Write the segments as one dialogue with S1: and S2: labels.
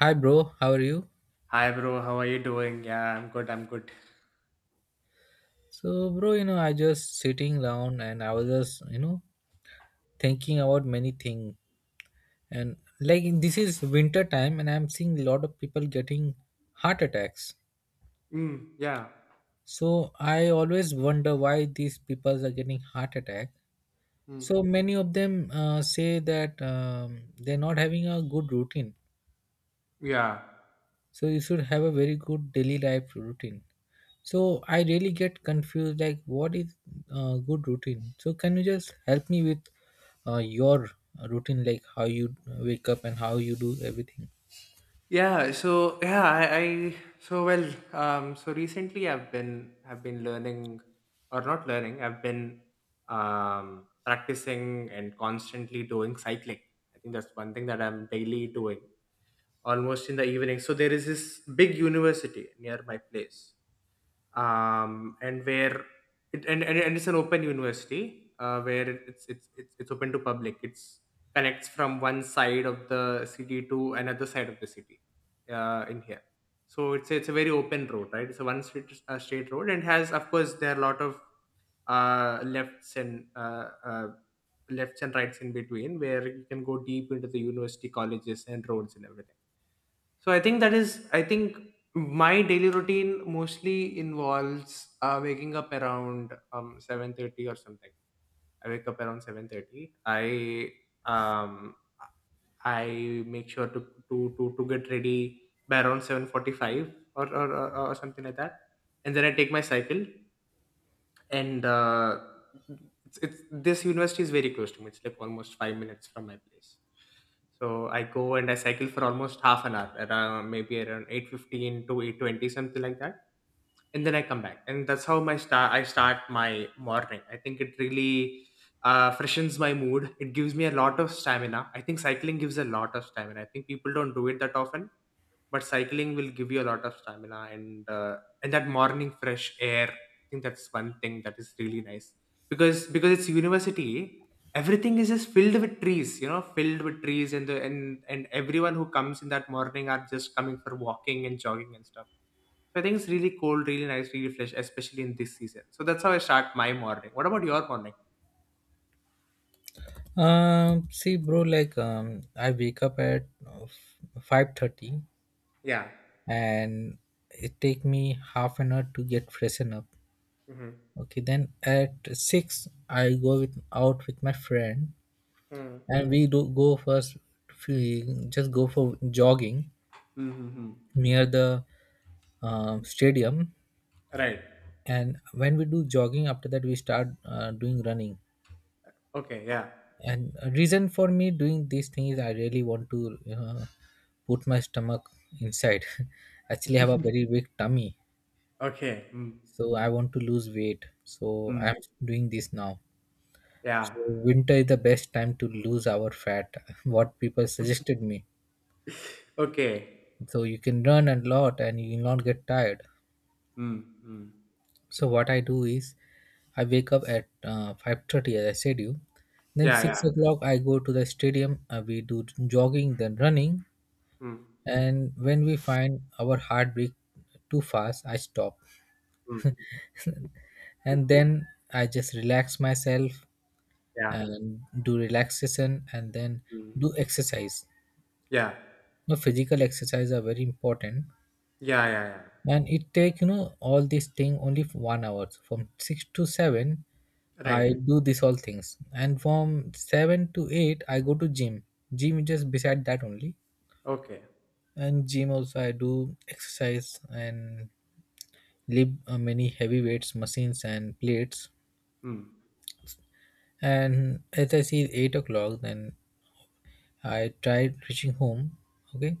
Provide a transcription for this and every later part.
S1: Hi bro, how are you?
S2: Hi bro, how are you doing? Yeah, I'm good. I'm good.
S1: So bro, I just sitting down and I was just, thinking about many things. And like this is winter time and I'm seeing a lot of people getting heart attacks.
S2: Mm, yeah.
S1: So I always wonder why these people are getting heart attack.
S2: Mm,
S1: So many of them say that they're not having a good routine.
S2: yeah.
S1: So you should have a very good daily life routine, so I really get confused like what is good routine, so can you just help me with your routine, like how you wake up and how you do everything?
S2: Yeah. So yeah, I, so well. So recently, I've been learning, or not learning. I've been practicing and constantly doing cycling. I think that's one thing that I'm daily doing, almost in the evening. So there is this big university near my place. um, and where and it's an open university, where it's open to public. It's connects from one side of the city to another side of the city, in here. So it's a very open road, right? It's a one straight road, and has, of course, there are a lot of uh, lefts and uh, uh, lefts and rights in between, where you can go deep into the university colleges and roads and everything. So I think my daily routine mostly involves waking up around 7:30 or something. I wake up around 7:30. Um, I make sure to get ready by around 7:45, or something like that. And then I take my cycle, and it's this university is very close to me. It's like almost 5 minutes from my place. So I go and I cycle for almost half an hour, around 8:15 to 8:20, something like that. And then I come back, and that's how my start I start my morning. I think it really freshens my mood. It gives me a lot of stamina. I think cycling gives a lot of stamina. I think people don't do it that often, but cycling will give you a lot of stamina. And that morning fresh air, I think that's one thing that is really nice. Because it's university, everything is just filled with trees, filled with trees. And the and and everyone who comes in that morning are just coming for walking and jogging and stuff. So I think it's really cold, really nice, really fresh, especially in this season. So that's how I start my morning. What about your morning?
S1: See bro, like I wake up at 5:30,
S2: Yeah.
S1: and it take me half an hour to get freshen up.
S2: Mm-hmm.
S1: Okay, then at 6 I go with out with my friend,
S2: Mm.
S1: and we just go for jogging
S2: Mm-hmm.
S1: near the stadium.
S2: Right.
S1: And when we do jogging, after that we start doing running.
S2: Okay. Yeah.
S1: And a reason for me doing these things, I really want to put my stomach inside. Actually, I have a very big tummy,
S2: Okay. Mm.
S1: so I want to lose weight, so
S2: Mm.
S1: I'm doing this now.
S2: Yeah.
S1: So winter is the best time to lose our fat, what people suggested me.
S2: Okay.
S1: So you can run a lot and you will not get tired.
S2: Mm, mm.
S1: So what I do is I wake up at 5:30, as I said you. Then
S2: Yeah,
S1: 6
S2: yeah.
S1: o'clock I go to the stadium. We do jogging, then running.
S2: Mm,
S1: And when we find our heartbeat too fast, I stop.
S2: mm, mm.
S1: And then I just relax myself
S2: Yeah.
S1: and do relaxation, and then
S2: Mm.
S1: do exercise.
S2: Yeah.
S1: You know, physical exercise are very important.
S2: Yeah, yeah, yeah.
S1: And it take, you know, all these thing only for 1 hour. So from six to seven, I
S2: Right.
S1: do this all things. And from 7 to 8, I go to gym. Gym is just beside that only.
S2: Okay.
S1: And gym also I do exercise and lift many heavy weights, machines and plates.
S2: Mm.
S1: And as I see 8 o'clock, then I try reaching home. Okay.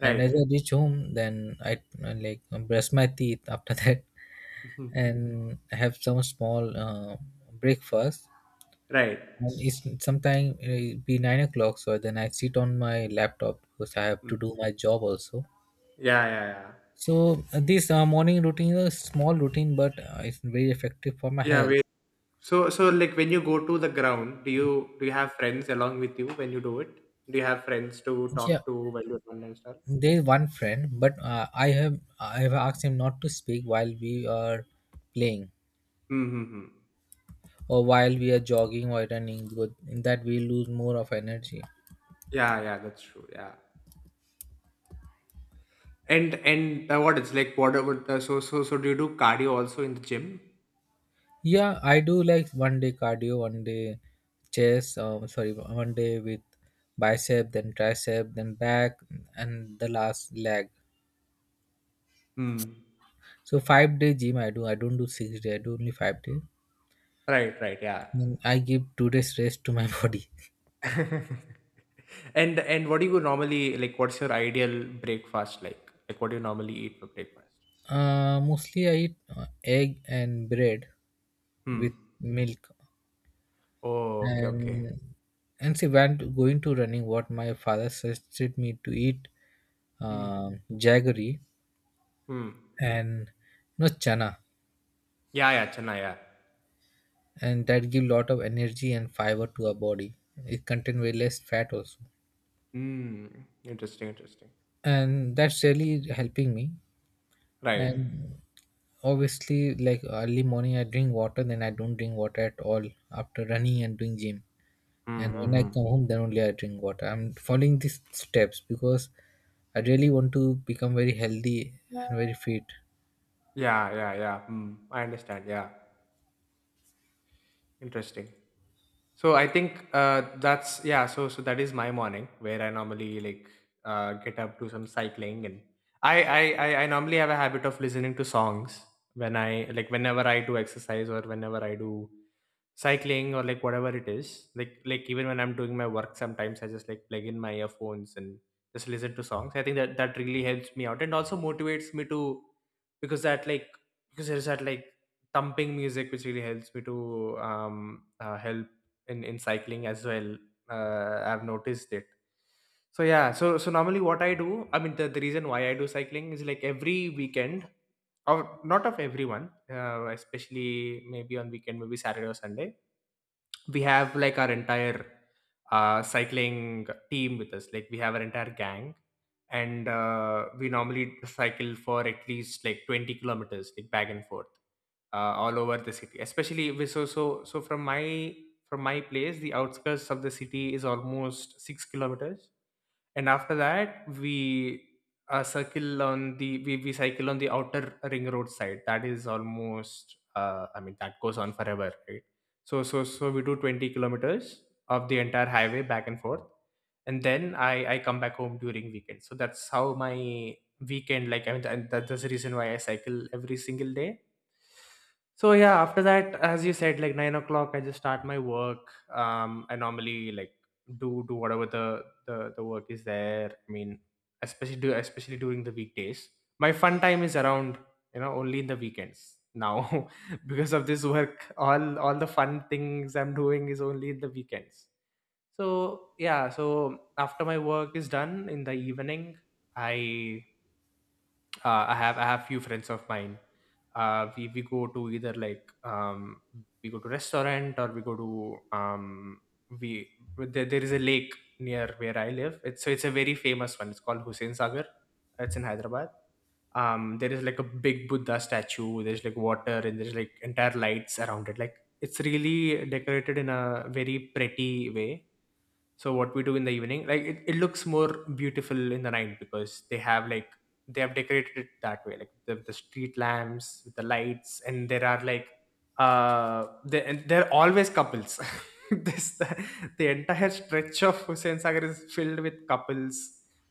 S1: And as I reach home, then I like brush my teeth after that,
S2: Hmm.
S1: and have some small breakfast.
S2: Right.
S1: And it's sometime be 9 o'clock, so then I sit on my laptop because I have to do
S2: Mm.
S1: my job also.
S2: Yeah, yeah, yeah.
S1: So this morning routine is a small routine, but it's very effective for my
S2: Yeah, wait.
S1: health.
S2: So like when you go to the ground, do you have friends along with you when you do it? Do you have friends to
S1: Yeah,
S2: talk to while you're done and stuff?
S1: there is one friend, but I have asked him not to speak while we are playing,
S2: Mm-hmm.
S1: or while we are jogging or running, because in that we lose more of energy.
S2: Yeah, yeah, that's true. Yeah. And what it's like what about do you do cardio also in the gym?
S1: Yeah, I do like 1 day cardio, 1 day chest, sorry, 1 day with bicep, then tricep, then back, and the last leg.
S2: Hmm.
S1: So 5 day gym I do. I don't do 6 day. I do only 5 day.
S2: Right, right, yeah.
S1: Then I give 2 days rest to my body.
S2: And what do you normally like? What's your ideal breakfast like? Like what do you normally eat for breakfast?
S1: Mostly I eat egg and bread with
S2: Hmm.
S1: milk.
S2: Oh, okay, okay.
S1: and and see when going to running, what my father suggested me to eat
S2: Hmm.
S1: jaggery
S2: Hmm.
S1: and you know chana.
S2: Yeah, yeah, Chennai, yeah.
S1: And that give lot of energy and fiber to our body. It contain way less fat also,
S2: Hmm. Interesting, interesting.
S1: and that's really helping me.
S2: Right.
S1: And obviously, like early morning I drink water, then I don't drink water at all after running and doing gym.
S2: Hmm.
S1: And
S2: Hmm,
S1: when I
S2: hmm.
S1: come home, then only I drink water. I'm following these steps because I really want to become very healthy and very fit.
S2: Yeah, yeah, yeah. Hmm. I understand. Yeah. Interesting. So I think that's yeah. So that is my morning where I normally like get up, do some cycling, and I normally have a habit of listening to songs when I like, whenever I do exercise or whenever I do cycling or like whatever it is, like even when I'm doing my work, sometimes I just like plug in my earphones and just listen to songs. I think that really helps me out and also motivates me to, because that like because there's that like thumping music which really helps me to help in cycling as well. I've noticed it. So yeah, so normally what I do, I mean, the reason why I do cycling is like every weekend, or not of everyone, especially maybe on weekend, maybe Saturday or Sunday, we have like our entire cycling team with us, like we have our entire gang. And we normally cycle for at least like 20 kilometers, like back and forth, uh, all over the city, especially we so so so from my place. The outskirts of the city is almost 6 kilometers, and after that, we, circle on the we cycle on the outer ring road side, that is almost, I mean, that goes on forever, right? So we do 20 kilometers of the entire highway back and forth, and then I come back home during weekend. So that's how my weekend, like, I mean, that's the reason why I cycle every single day. So yeah, after that, as you said, like 9 o'clock, I just start my work. I normally like do whatever the work is there. I mean, especially during the weekdays. My fun time is around, only in the weekends now because of this work. All the fun things I'm doing is only in the weekends. So yeah, so after my work is done in the evening, I I have few friends of mine. We go to either like, um, we go to restaurant, or we go to, um, we there is a lake near where I live. It's so it's a very famous one. It's called Hussein Sagar. It's in Hyderabad. There is like a big Buddha statue, there's like water, and there's like entire lights around it. Like it's really decorated in a very pretty way. So what we do in the evening, like, it looks more beautiful in the night because they have like, they have decorated it that way. Like the street lamps with the lights, and there are like, and they're always couples. this the, the entire stretch of Hussein Sagar is filled with couples,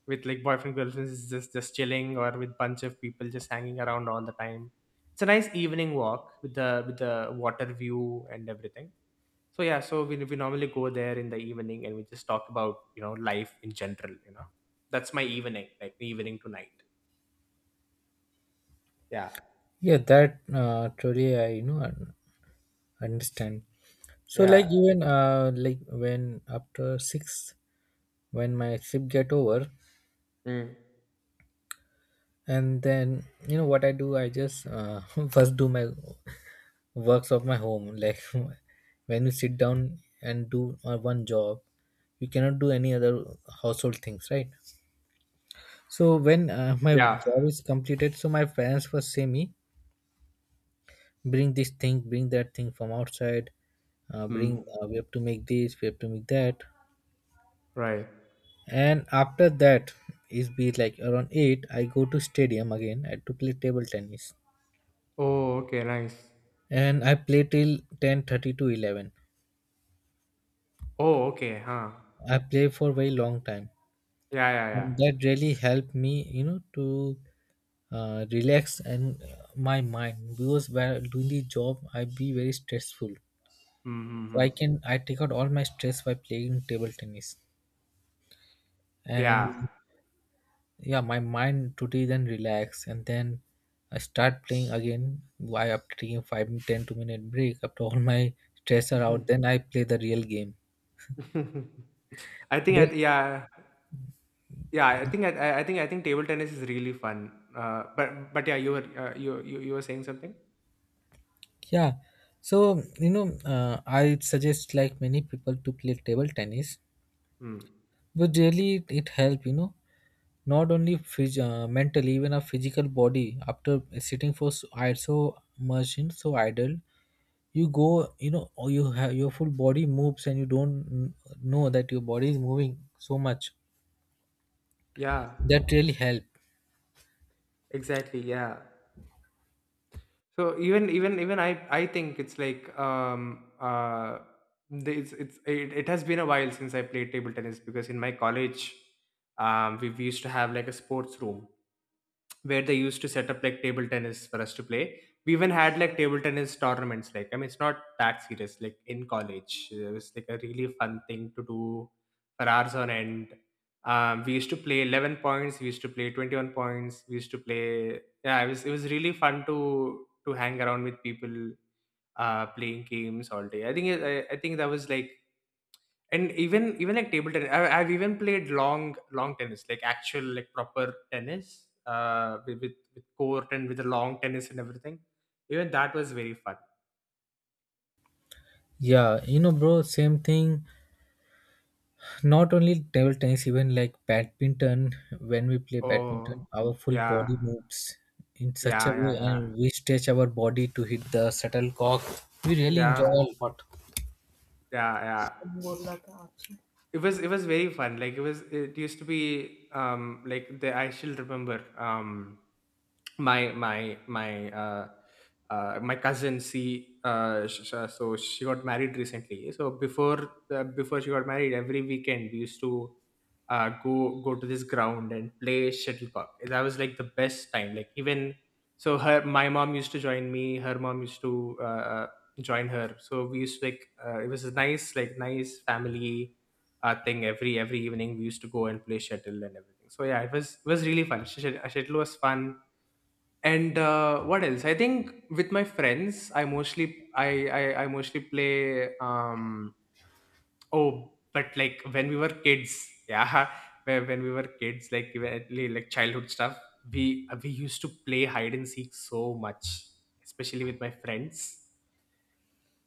S2: with like boyfriend girlfriends, is just chilling, or with bunch of people just hanging around all the time. It's a nice evening walk with the water view and everything. So yeah, so we normally go there in the evening, and we just talk about, life in general. That's my evening, like evening to night. Yeah.
S1: Yeah, that truly I, you know, understand. So like
S2: Yeah,
S1: even like when after 6, when my shift get over,
S2: mm.
S1: and then you know what I do, I just first do my works of my home. Like when you sit down and do one job, you cannot do any other household things, right? So when my
S2: Yeah,
S1: job is completed, so my parents first say me, bring this thing, bring that thing from outside, bring,
S2: mm.
S1: we have to make this, we have to make that.
S2: Right.
S1: And after that is be like around 8, I go to stadium again I to play table tennis,
S2: Oh, okay, nice.
S1: and I play till 10:30 to 11.
S2: Oh, okay, huh?
S1: I play for very long time,
S2: Yeah, yeah, yeah.
S1: and that really helped me, you know, to relax and my mind, because while doing the job, I be very stressful. So
S2: Mm-hmm.
S1: I can I take out all my stress by playing table tennis, and
S2: Yeah.
S1: Mhm. Yeah, my mind today then relax, and then I start playing again. Why after taking 5 10 2 minute break, after all my stress are out, then I play the real game.
S2: I think I
S1: That
S2: th- Yeah, yeah. I think table tennis is really fun. But yeah, you were you were saying something.
S1: Yeah. So, you know, I suggest like many people to play table tennis,
S2: Hmm.
S1: but really it help, you know, not only mentally, even a physical body. After sitting for so, so much in so idle, you go, you know, or you have your full body moves and you don't know that your body is moving so much.
S2: Yeah.
S1: That really help.
S2: Exactly. Yeah. So even I think it's like it has been a while since I played table tennis because in my college we used to have like a sports room where they used to set up like table tennis for us to play. We even had like table tennis tournaments. Like, I mean, it's not that serious. Like in college, it was like a really fun thing to do for hours on end. We used to play 11 points. We used to play 21 points. We used to play. Yeah, it was really fun to hang around with people playing games all day. I think that was like. And even like table tennis, I've even played long long tennis, like actual like proper tennis with court, and with the long tennis and everything. Even that was very fun.
S1: Yeah, you know, bro, same thing. Not only table tennis, even like badminton, when we play
S2: Oh,
S1: badminton, our full
S2: yeah,
S1: body moves in such
S2: yeah,
S1: a
S2: yeah.
S1: way
S2: Yeah,
S1: and we stretch our body to hit the shuttlecock. We really enjoy
S2: yeah,
S1: a lot.
S2: yeah, yeah. It was very fun. Like it used to be, like the I still remember, my my my uh, my cousin. So she got married recently. So before she got married, every weekend we used to go to this ground and play shuttlecock. That was like the best time, like, even. So her, my mom used to join me, her mom used to uh, join her, so we used to like, it was a nice like nice family thing. Every evening we used to go and play shuttle and everything. So yeah, it was really fun. Shuttle was fun. And what else? I think with my friends, I mostly I mostly play. Oh, but like when we were kids, yeah, when we were kids, like, like childhood stuff, we used to play hide and seek so much, especially with my friends.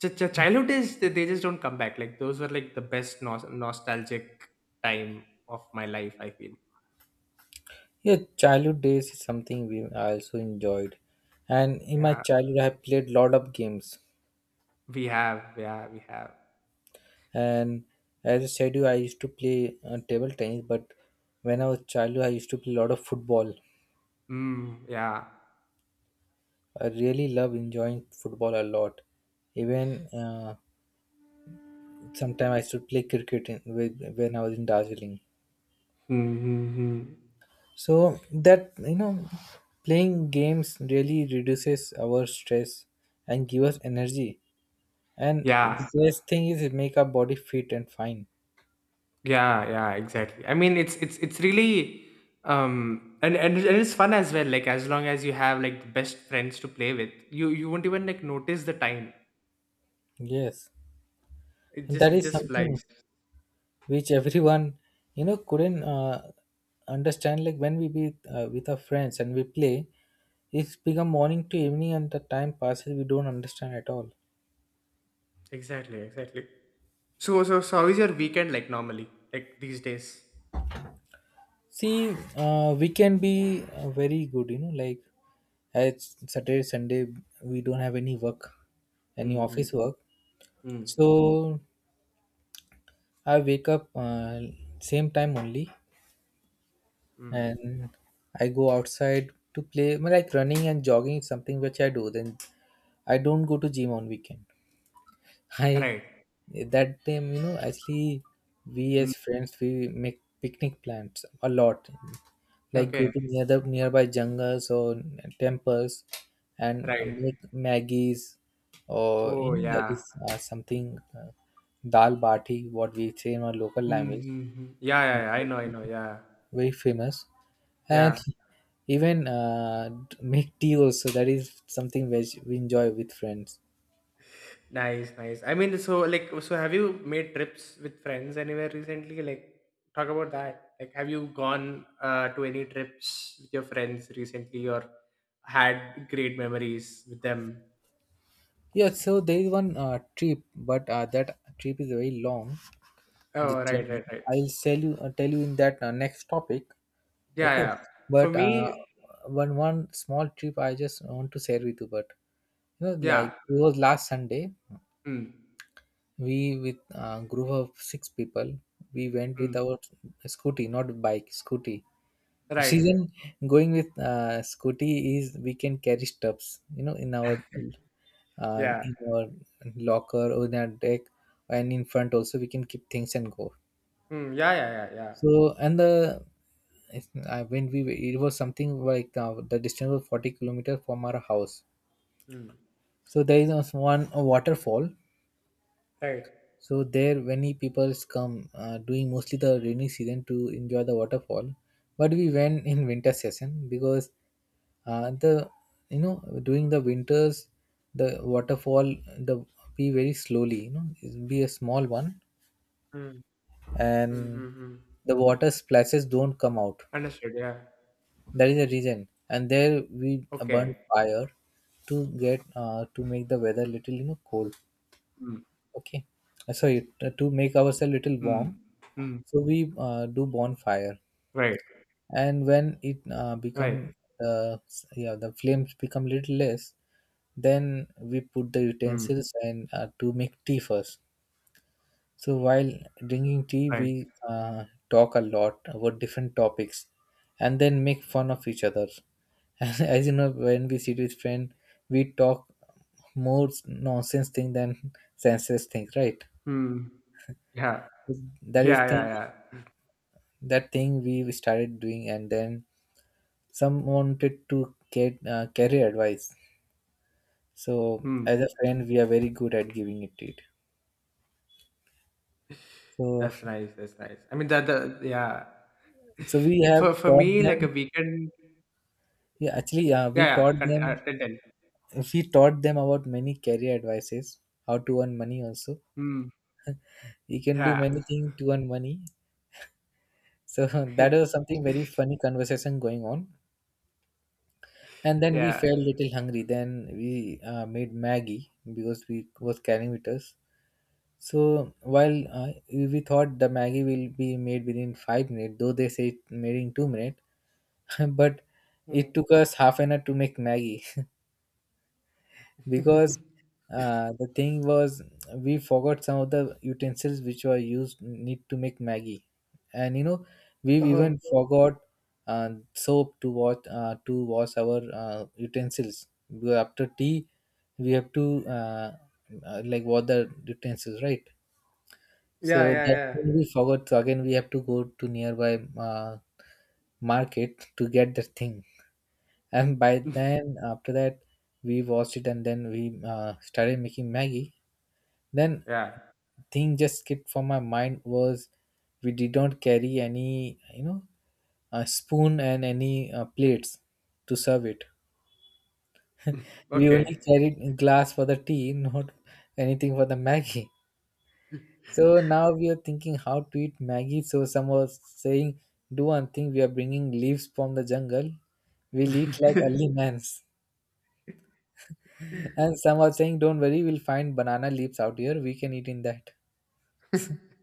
S2: Childhood days, they just don't come back. Like those were like the best nostalgic time of my life, I feel.
S1: Yeah, childhood days is something we I also enjoyed, and in my
S2: Yeah,
S1: childhood I have played lot of games.
S2: we have. Yeah, we have.
S1: And as I said, you I used to play table tennis, but when I was childhood I used to play a lot of football.
S2: Mm, yeah.
S1: I really love enjoying football a lot. Even sometime I used to play cricket when I was in Darjeeling.
S2: Hmm, hmm, hmm.
S1: So that, you know, playing games really reduces our stress and give us energy. And the
S2: Yeah,
S1: best thing is it make our body fit and fine.
S2: yeah, yeah, exactly. I mean, It's really and, and it's fun as well. Like as long as you have like the best friends to play with, you won't even like notice the time.
S1: Yes,
S2: It
S1: and
S2: just
S1: that
S2: it
S1: is
S2: just flies.
S1: something which everyone, you know, couldn't understand. Like when we be with our friends and we play, it's become morning to evening and the time passes. We don't understand at all.
S2: Exactly, exactly. So how is your weekend like normally like these days?
S1: See, we can be very good, you know, like it's Saturday, Sunday, we don't have any work, any
S2: Mm-hmm.
S1: office work.
S2: Mm.
S1: So I wake up same time only,
S2: Mm.
S1: and I go outside to play. I mean, like running and jogging is something which I do. Then I don't go to gym on weekend. I
S2: Right.
S1: that time, you know, actually, we
S2: Mm.
S1: as friends we make picnic plans a lot, like go
S2: Okay.
S1: to near the nearby jungles or temples, and
S2: Right.
S1: make maggies, or you
S2: Oh,
S1: know that
S2: yeah.
S1: is something dal bati what we say in our local language,
S2: Mm-hmm. Yeah, yeah, yeah. I know, I know. Yeah.
S1: very famous. And
S2: Yeah.
S1: even make tea also, that is something which we enjoy with friends.
S2: Nice, nice. I mean, so like, so have you made trips with friends anywhere recently? Like, talk about that. Like, have you gone to any trips with your friends recently, or had great memories with them?
S1: Yeah, so there is one trip, but that trip is very long. The
S2: Oh, right,
S1: journey.
S2: right, right.
S1: I'll tell you in that next topic.
S2: Yeah,
S1: Okay,
S2: yeah. For
S1: but
S2: me,
S1: one small trip I just want to share with you. But you know, like
S2: yeah.
S1: it was last Sunday,
S2: Mm,
S1: we with a group of six people, we went with
S2: mm,
S1: our scooty, not bike, scooty.
S2: right.
S1: Reason going with scooty is we can carry stuffs, you know, in our uh,
S2: Yeah.
S1: in our locker or in our deck, and in front also we can keep things and go.
S2: Mm, yeah, yeah, yeah, yeah.
S1: So and the I when we it was something like the distance was 40 kilometers from our house.
S2: Mm,
S1: So there is also one a waterfall.
S2: right.
S1: So there, many people come doing mostly the rainy season, to enjoy the waterfall. But we went in winter session because the you know during the winters, the waterfall the be very slowly, you know, it be a small one,
S2: Mm, mm,
S1: and
S2: mm, mm.
S1: the water splashes don't come out.
S2: Understood. Yeah.
S1: That is the reason. And there we burn
S2: Okay.
S1: fire to get to make the weather little, you know, cold.
S2: Mm,
S1: Okay. Sorry, to make ourselves little
S2: mm,
S1: warm,
S2: mm.
S1: so we do bonfire,
S2: Right.
S1: and when it
S2: Right.
S1: yeah, the flames become little less, then we put the
S2: Mm,
S1: utensils and to make tea first. So while drinking tea,
S2: right.
S1: we talk a lot about different topics, and then make fun of each other. And as you know, when we sit with friend, we talk more nonsense thing than senseless things, right?
S2: Hmm. Yeah.
S1: that is
S2: Yeah,
S1: thing
S2: yeah, yeah.
S1: that thing we started doing, and then some wanted to get career advice, so as a
S2: Hmm.
S1: friend we are very good at giving it. so
S2: That's nice. That's nice. I mean, the yeah.
S1: so we have
S2: For
S1: taught
S2: me,
S1: them,
S2: like a weekend.
S1: yeah. Actually, we
S2: Yeah, yeah.
S1: taught them
S2: Tell, tell.
S1: we taught them about many career advices, how to earn money also.
S2: Hmm.
S1: You can do
S2: Yeah.
S1: many things to earn money, so that was something very funny conversation going on. And then we
S2: Yeah.
S1: felt little hungry. Then we made maggie because we was carrying with us. So while we thought the Maggie will be made within 5 minutes, though they say it made in 2 minutes, but it
S2: Hmm.
S1: took us half an hour to make Maggie, because the thing was we forgot some of the utensils which were used need to make Maggie, and we've
S2: Oh.
S1: even forgot soap to wash, to wash our utensils. Because after tea, we have to, like, wash the utensils, right? So
S2: Yeah,
S1: that
S2: yeah,
S1: thing we forgot. So again, we have to go to nearby market to get that thing. And by
S2: yeah.
S1: then, after that, we washed it and then we started making Maggie. Then
S2: Yeah.
S1: thing just skipped from my mind was we did not carry any a spoon and any plates to serve it. We
S2: Okay.
S1: only carried glass for the tea, not anything for the Maggie. So now we are thinking how to eat Maggie. So some are saying, do one thing, we are bringing leaves from the jungle. We'll eat like early mans. And some are saying, don't worry, we'll find banana leaves out here. We can eat in that.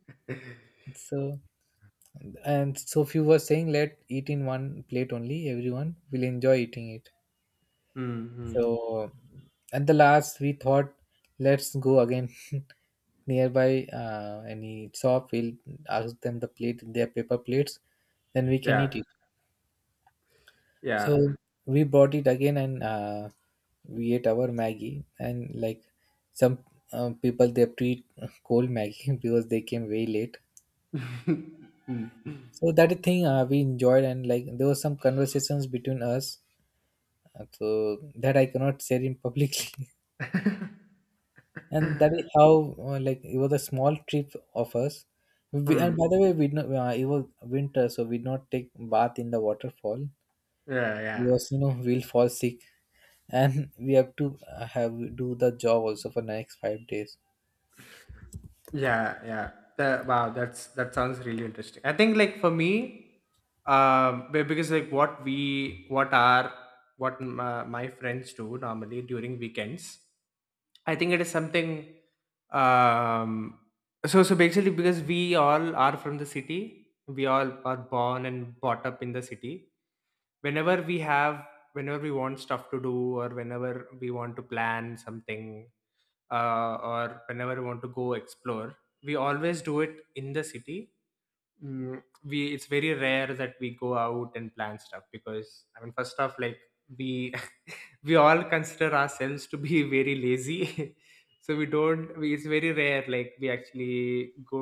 S1: So, and so few were saying, let eat in one plate only. Everyone will enjoy eating it.
S2: Hmm.
S1: So at the last, we thought, let's go again nearby, any shop. We'll ask them the plate, their paper plates. Then we can
S2: Yeah.
S1: eat it.
S2: Yeah.
S1: So we bought it again and we ate our Maggie. And like some people, they treat cold Maggie because they came way late.
S2: Hmm.
S1: So that is thing we enjoyed, and like there was some conversations between us. So that I cannot share in publicly. And that is how, like, it was a small trip of us. We,
S2: Hmm.
S1: and by the way, we did not, it was winter, so we did not take bath in the waterfall,
S2: Yeah. Yeah.
S1: because we'll fall sick, and we have to, have do the job also for next 5 days.
S2: Yeah, yeah. That, wow, that sounds really interesting. I think like for me, because like what we what are what my friends do normally during weekends, I think it is something. Um, so basically, because we all are from the city, we all are born and brought up in the city. whenever we have Whenever we want stuff to do, or whenever we want to plan something, or whenever we want to go explore, we always do it in the city. Mm, we It's very rare that we go out and plan stuff, because I mean, first off, like, we we all consider ourselves to be very lazy. So we don't we, it's very rare like we actually go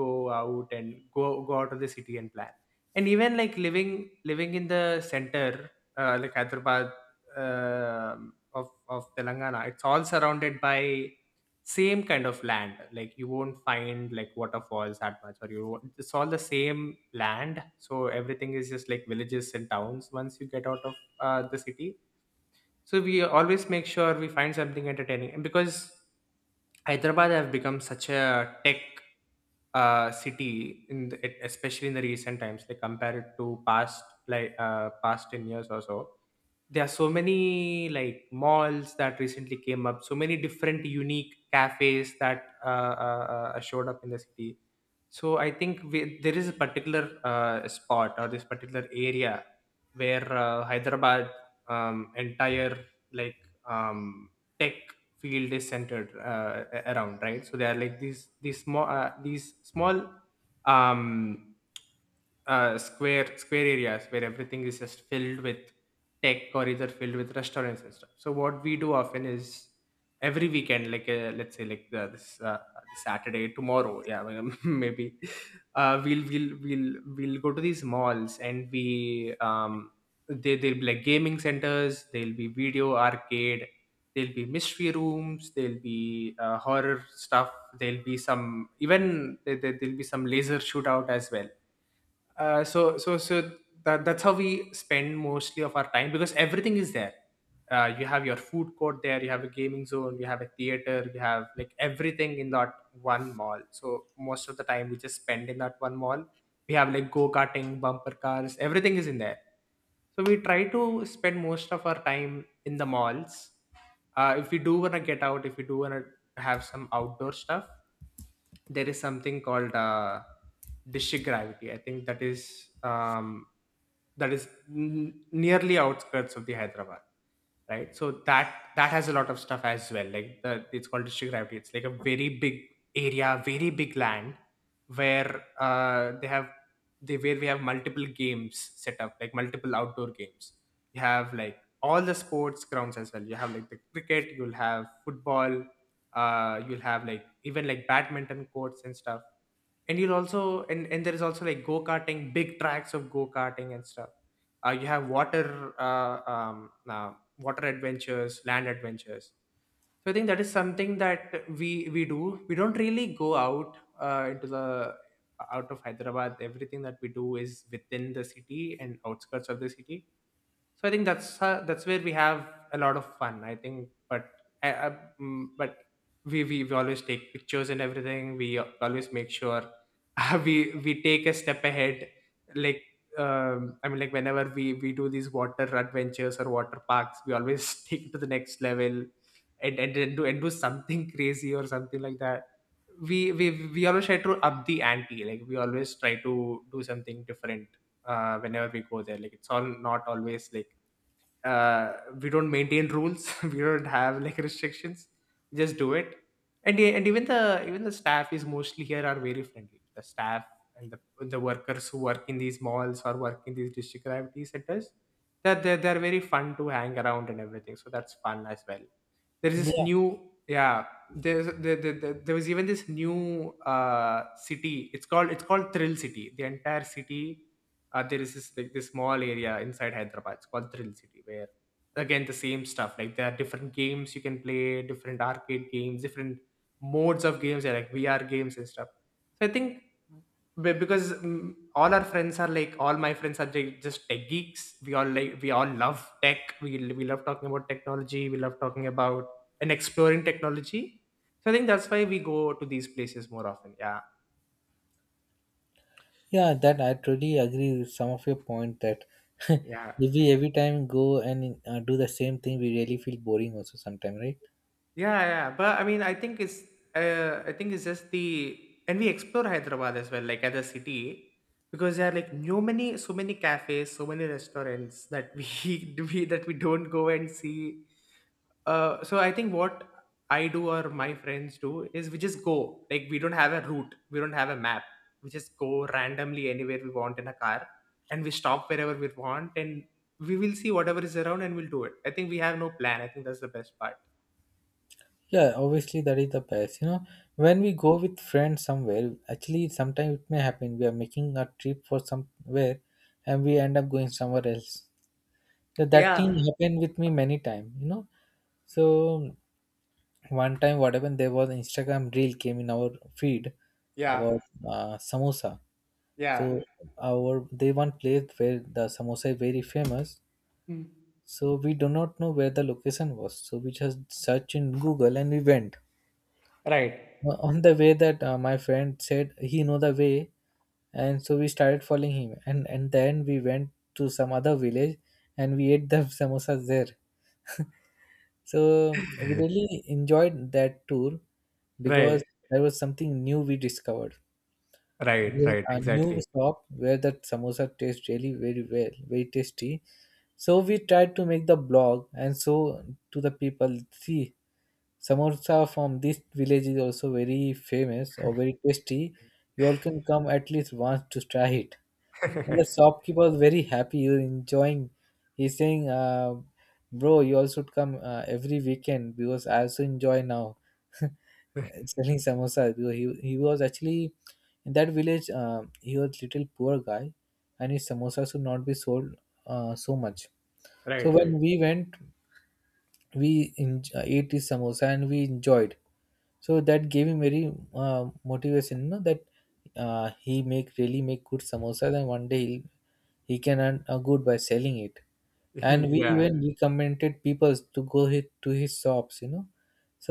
S2: go out and go out of the city and plan. And even like living in the center, like Hyderabad, um of of Telangana, it's all surrounded by same kind of land. Like you won't find like waterfalls that much, or you won't- it's all the same land. So everything is just like villages and towns once you get out of the city. So we always make sure we find something entertaining, and because Hyderabad have become such a tech city, especially in the recent times, like compared to past, like past 10 years or so, there are so many like malls that recently came up, so many different unique cafes that uh, showed up in the city. So I think there is a particular spot or this particular area where Hyderabad, entire, like, um, tech field is centered around, right? So there are like these small um square areas where everything is just filled with tech, or either filled with restaurants and stuff. So what we do often is every weekend, like, let's say, like, this Saturday tomorrow, yeah, maybe we'll go to these malls, and we they'll be like gaming centers, there'll be video arcade. There'll be mystery rooms. There'll be horror stuff. There'll be some laser shootout as well. uh, so so so that's how we spend mostly of our time, because everything is there. You have your food court there, you have a gaming zone, you have a theater, you have like everything in that one mall. So most of the time we just spend in that one mall. We have like go karting, bumper cars, everything is in there. So we try to spend most of our time in the malls. If we do wanna get out, if we do wanna have some outdoor stuff, there is something called District Gravity, I think. That is nearly outskirts of the Hyderabad, right? So that has a lot of stuff as well. Like the it's called District Gravity. It's like a very big area, very big land, where they have they where we have multiple games set up, like multiple outdoor games. You have like all the sports grounds as well. You have like the cricket, you'll have football, you'll have like even like badminton courts and stuff. And you'll also, and there is also like go-karting, big tracks of go-karting and stuff. You have water water adventures, land adventures. So I think that is something that we don't really go out into the out of Hyderabad. Everything that we do is within the city and outskirts of the city. So I think that's where we have a lot of fun, I think. But but we always take pictures and everything. We always make sure we we take a step ahead. Like, I mean, like, whenever we do these water adventures or water parks, we always take it to the next level, and and do something crazy, or something like that. We we we always try to up the ante. Like, we always try to do something different whenever we go there. Like, it's all not always like uh, we don't maintain rules. We don't have like restrictions, we just do it. And yeah, and even the staff is mostly here are very friendly, the staff and the workers who work in these malls or work in these District Gravity centers, that they're very fun to hang around and everything, so that's fun as well. There is this
S1: Yeah,
S2: new Yeah. There's there, there, there there was even this new city, it's called Thrill City, the entire city. There is this small area inside Hyderabad, it's called Thrill City, where again the same stuff, like, there are different games you can play, different arcade games, different modes of games, yeah, like VR games and stuff. So I think because, all my friends are like just tech geeks. We all like we all love tech. We love talking about technology. We love talking about and exploring technology. So I think that's why we go to these places more often. Yeah.
S1: yeah, that I totally agree with some of your point that,
S2: Yeah.
S1: if we every time go and do the same thing, we really feel boring also sometime, right?
S2: Yeah, yeah. But I mean, I think it's just the and we explore Hyderabad as well, like as a city, because there are like no many so many cafes, so many restaurants that we don't go and see. So I think what I do, or my friends do, is we just go. Like, we don't have a route, we don't have a map. We just go randomly anywhere we want in a car, and we stop wherever we want, and we will see whatever is around, and we'll do it. I think we have no plan. I think that's the best part.
S1: Yeah, obviously that is the best. When we go with friends somewhere, actually sometimes it may happen we are making a trip for somewhere, and we end up going somewhere else. So that thing
S2: Yeah,
S1: happened with me many time. So one time, what happened, there was an Instagram reel came in our feed
S2: yeah,
S1: about samosa.
S2: yeah.
S1: So, our, they, one place where the samosa is very famous.
S2: Mm.
S1: So we do not know where the location was, so we just search in Google and we went.
S2: Right,
S1: On the way, that my friend said he know the way, and so we started following him, and then we went to some other village, and we ate the samosas there. So we really enjoyed that tour,
S2: right,
S1: because there was something new we discovered,
S2: right,
S1: with
S2: right.
S1: a new
S2: Exactly.
S1: shop where that samosa tastes really very well, very tasty. So we tried to make the blog and so to the people see, samosa from this village is also very famous or very tasty. You all can come at least once to try it. And
S2: Right,
S1: the shopkeeper was very happy, he was enjoying. He's saying, "Bro, you all should come every weekend, because I also enjoy now selling samosas." Because he was actually in that village. He was little poor guy, and his samosas should not be sold so much. So
S2: right.
S1: when we went, we ate his samosa and we enjoyed. So that gave him very motivation, that he make really make good samosas, and one day he can earn a good by selling it, and we
S2: Yeah,
S1: even recommended people to go hit to his shops.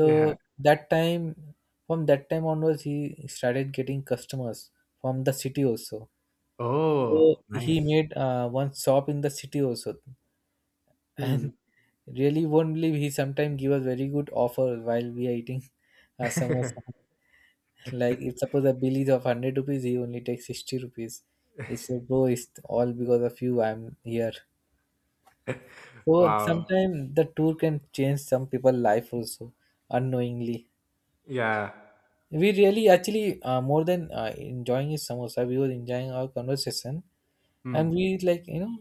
S2: yeah.
S1: that time, from that time onwards, he started getting customers from the city also. So
S2: Oh,
S1: he
S2: nice.
S1: made one shop in the city also,
S2: Hmm.
S1: and really won't believe, he sometimes give us very good offer while we are eating samosa. Like if suppose a bill is of 100 rupees, he only takes 60 rupees. It's like, bro, it's all because of you, I'm here. So
S2: Wow.
S1: sometimes the tour can change some people's life also, unknowingly.
S2: Yeah.
S1: We really actually, more than enjoying his samosa, we were enjoying our conversation, and
S2: Hmm.
S1: we like, you know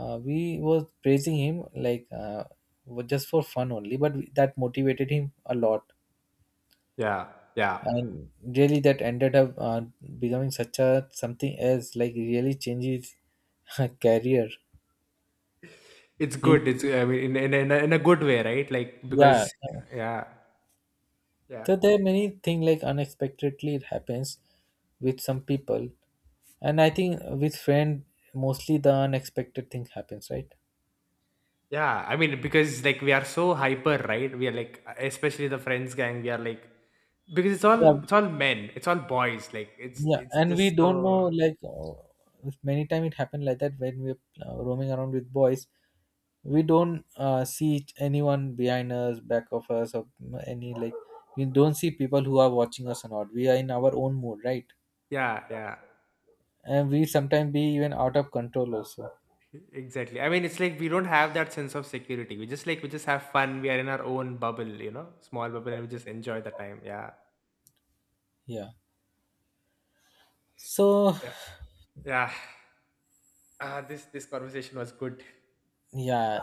S1: uh, we was praising him like, just for fun only, but that motivated him a lot,
S2: Yeah. Yeah.
S1: and really that ended up becoming such a something else, like really changes career.
S2: It's
S1: He
S2: good. It's I mean, in a good way, right? Like,
S1: yeah
S2: because, yeah. Yeah.
S1: So there are many things like unexpectedly it happens with some people, and I think with friend mostly the unexpected thing happens, right?
S2: Yeah. I mean, because like we are so hyper, right? We are like, especially the friends gang, we are like, because it's all
S1: Yeah,
S2: it's all men, it's all boys. Like, it's
S1: yeah,
S2: it's
S1: and we
S2: just
S1: don't know,
S2: so,
S1: like, many time it happened like that. When we're roaming around with boys, we don't see anyone behind us, back of us, or any like we don't see people who are watching us or not. We are in our own mood, right?
S2: yeah, yeah.
S1: And we sometimes be even out of control also.
S2: Exactly. I mean, it's like we don't have that sense of security. We just have fun. We are in our own bubble, small bubble, and we just enjoy the time. Yeah.
S1: Yeah. So,
S2: Yeah. Yeah. This this conversation was good.
S1: yeah,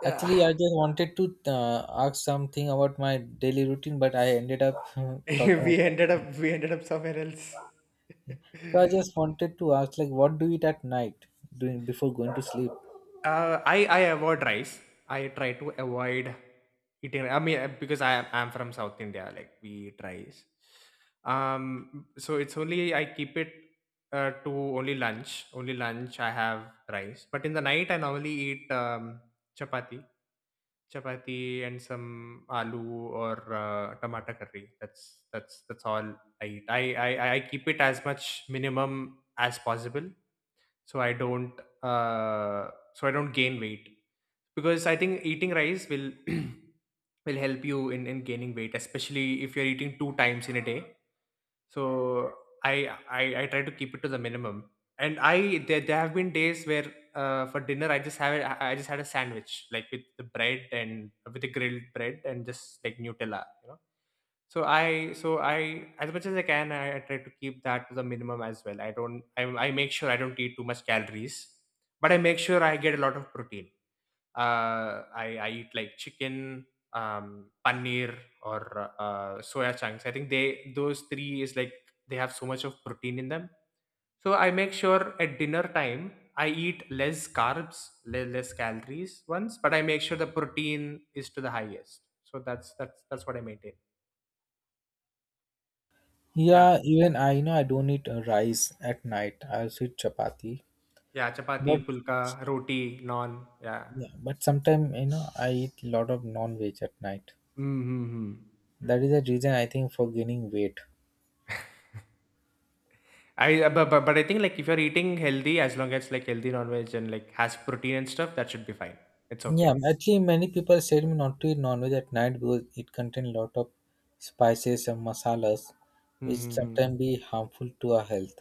S2: Yeah.
S1: actually, I just wanted to ask something about my daily routine, but I ended up talking
S2: we
S1: about
S2: ended
S1: that.
S2: up we ended up somewhere else.
S1: So I just wanted to ask, like, what do you eat at night during before going to sleep?
S2: I avoid rice. I try to avoid eating. I mean, because I'm from South India, like we eat rice. So it's only I keep it to only lunch. Only lunch I have rice. But in the night I normally eat chapati. chapati, and some aloo or tomato curry. That's all I eat. I keep it as much minimum as possible, so I don't I don't gain weight, because I think eating rice will will help you in gaining weight, especially if you're eating two times in a day. So I try to keep it to the minimum. And I there have been days where for dinner, I just had a sandwich, like, with the bread and with the grilled bread and just like Nutella. So I, as much as I can, I try to keep that to the minimum as well. I make sure I don't eat too much calories, but I make sure I get a lot of protein. I eat like chicken, paneer, or soya chunks. I think they, those three is like, they have so much of protein in them. So I make sure at dinner time I eat less carbs, less calories ones, but I make sure the protein is to the highest. So that's what I maintain. Yeah,
S1: Yeah, even I don't eat rice at night. I also eat chapati,
S2: yeah,
S1: but,
S2: chapati, pulka, roti, naan. Yeah.
S1: yeah, but sometimes I eat a lot of non-veg at night.
S2: Mm-hmm.
S1: That is the reason I think for gaining weight.
S2: I but I think, like, if you're eating healthy, as long as like healthy non-veg and like has protein and stuff, that should be fine. It's okay.
S1: Yeah, actually, many people said me not to eat non-veg at night, because it contains a lot of spices and masalas, which
S2: Hmm.
S1: sometimes be harmful to our health.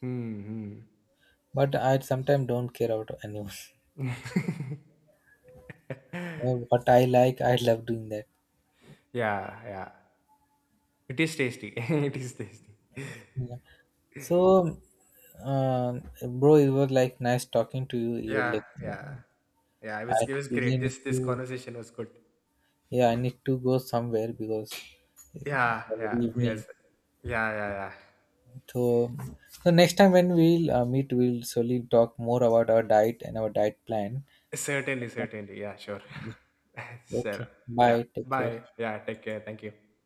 S2: Hmm. Hmm,
S1: But I sometimes don't care about anyone.
S2: hmm.
S1: What I like, I love doing that.
S2: Yeah. Yeah. It is tasty. It is tasty.
S1: Yeah. So, uh, bro, it was like nice talking to you. You're
S2: Yeah.
S1: like,
S2: Yeah. Yeah. It was.
S1: I
S2: It was
S1: really
S2: great.
S1: need
S2: This
S1: to.
S2: conversation was good.
S1: Yeah, I need to go somewhere because it's
S2: Yeah.
S1: already
S2: Yeah. Yes.
S1: evening.
S2: Yeah. Yeah. Yeah.
S1: So, so next time when we'll meet, we'll solely talk more about our diet and our diet plan.
S2: Certainly. Certainly. Yeah. Sure. Sure.
S1: Okay.
S2: Yeah.
S1: Bye. Take care.
S2: Bye. Yeah. Take care. Thank you.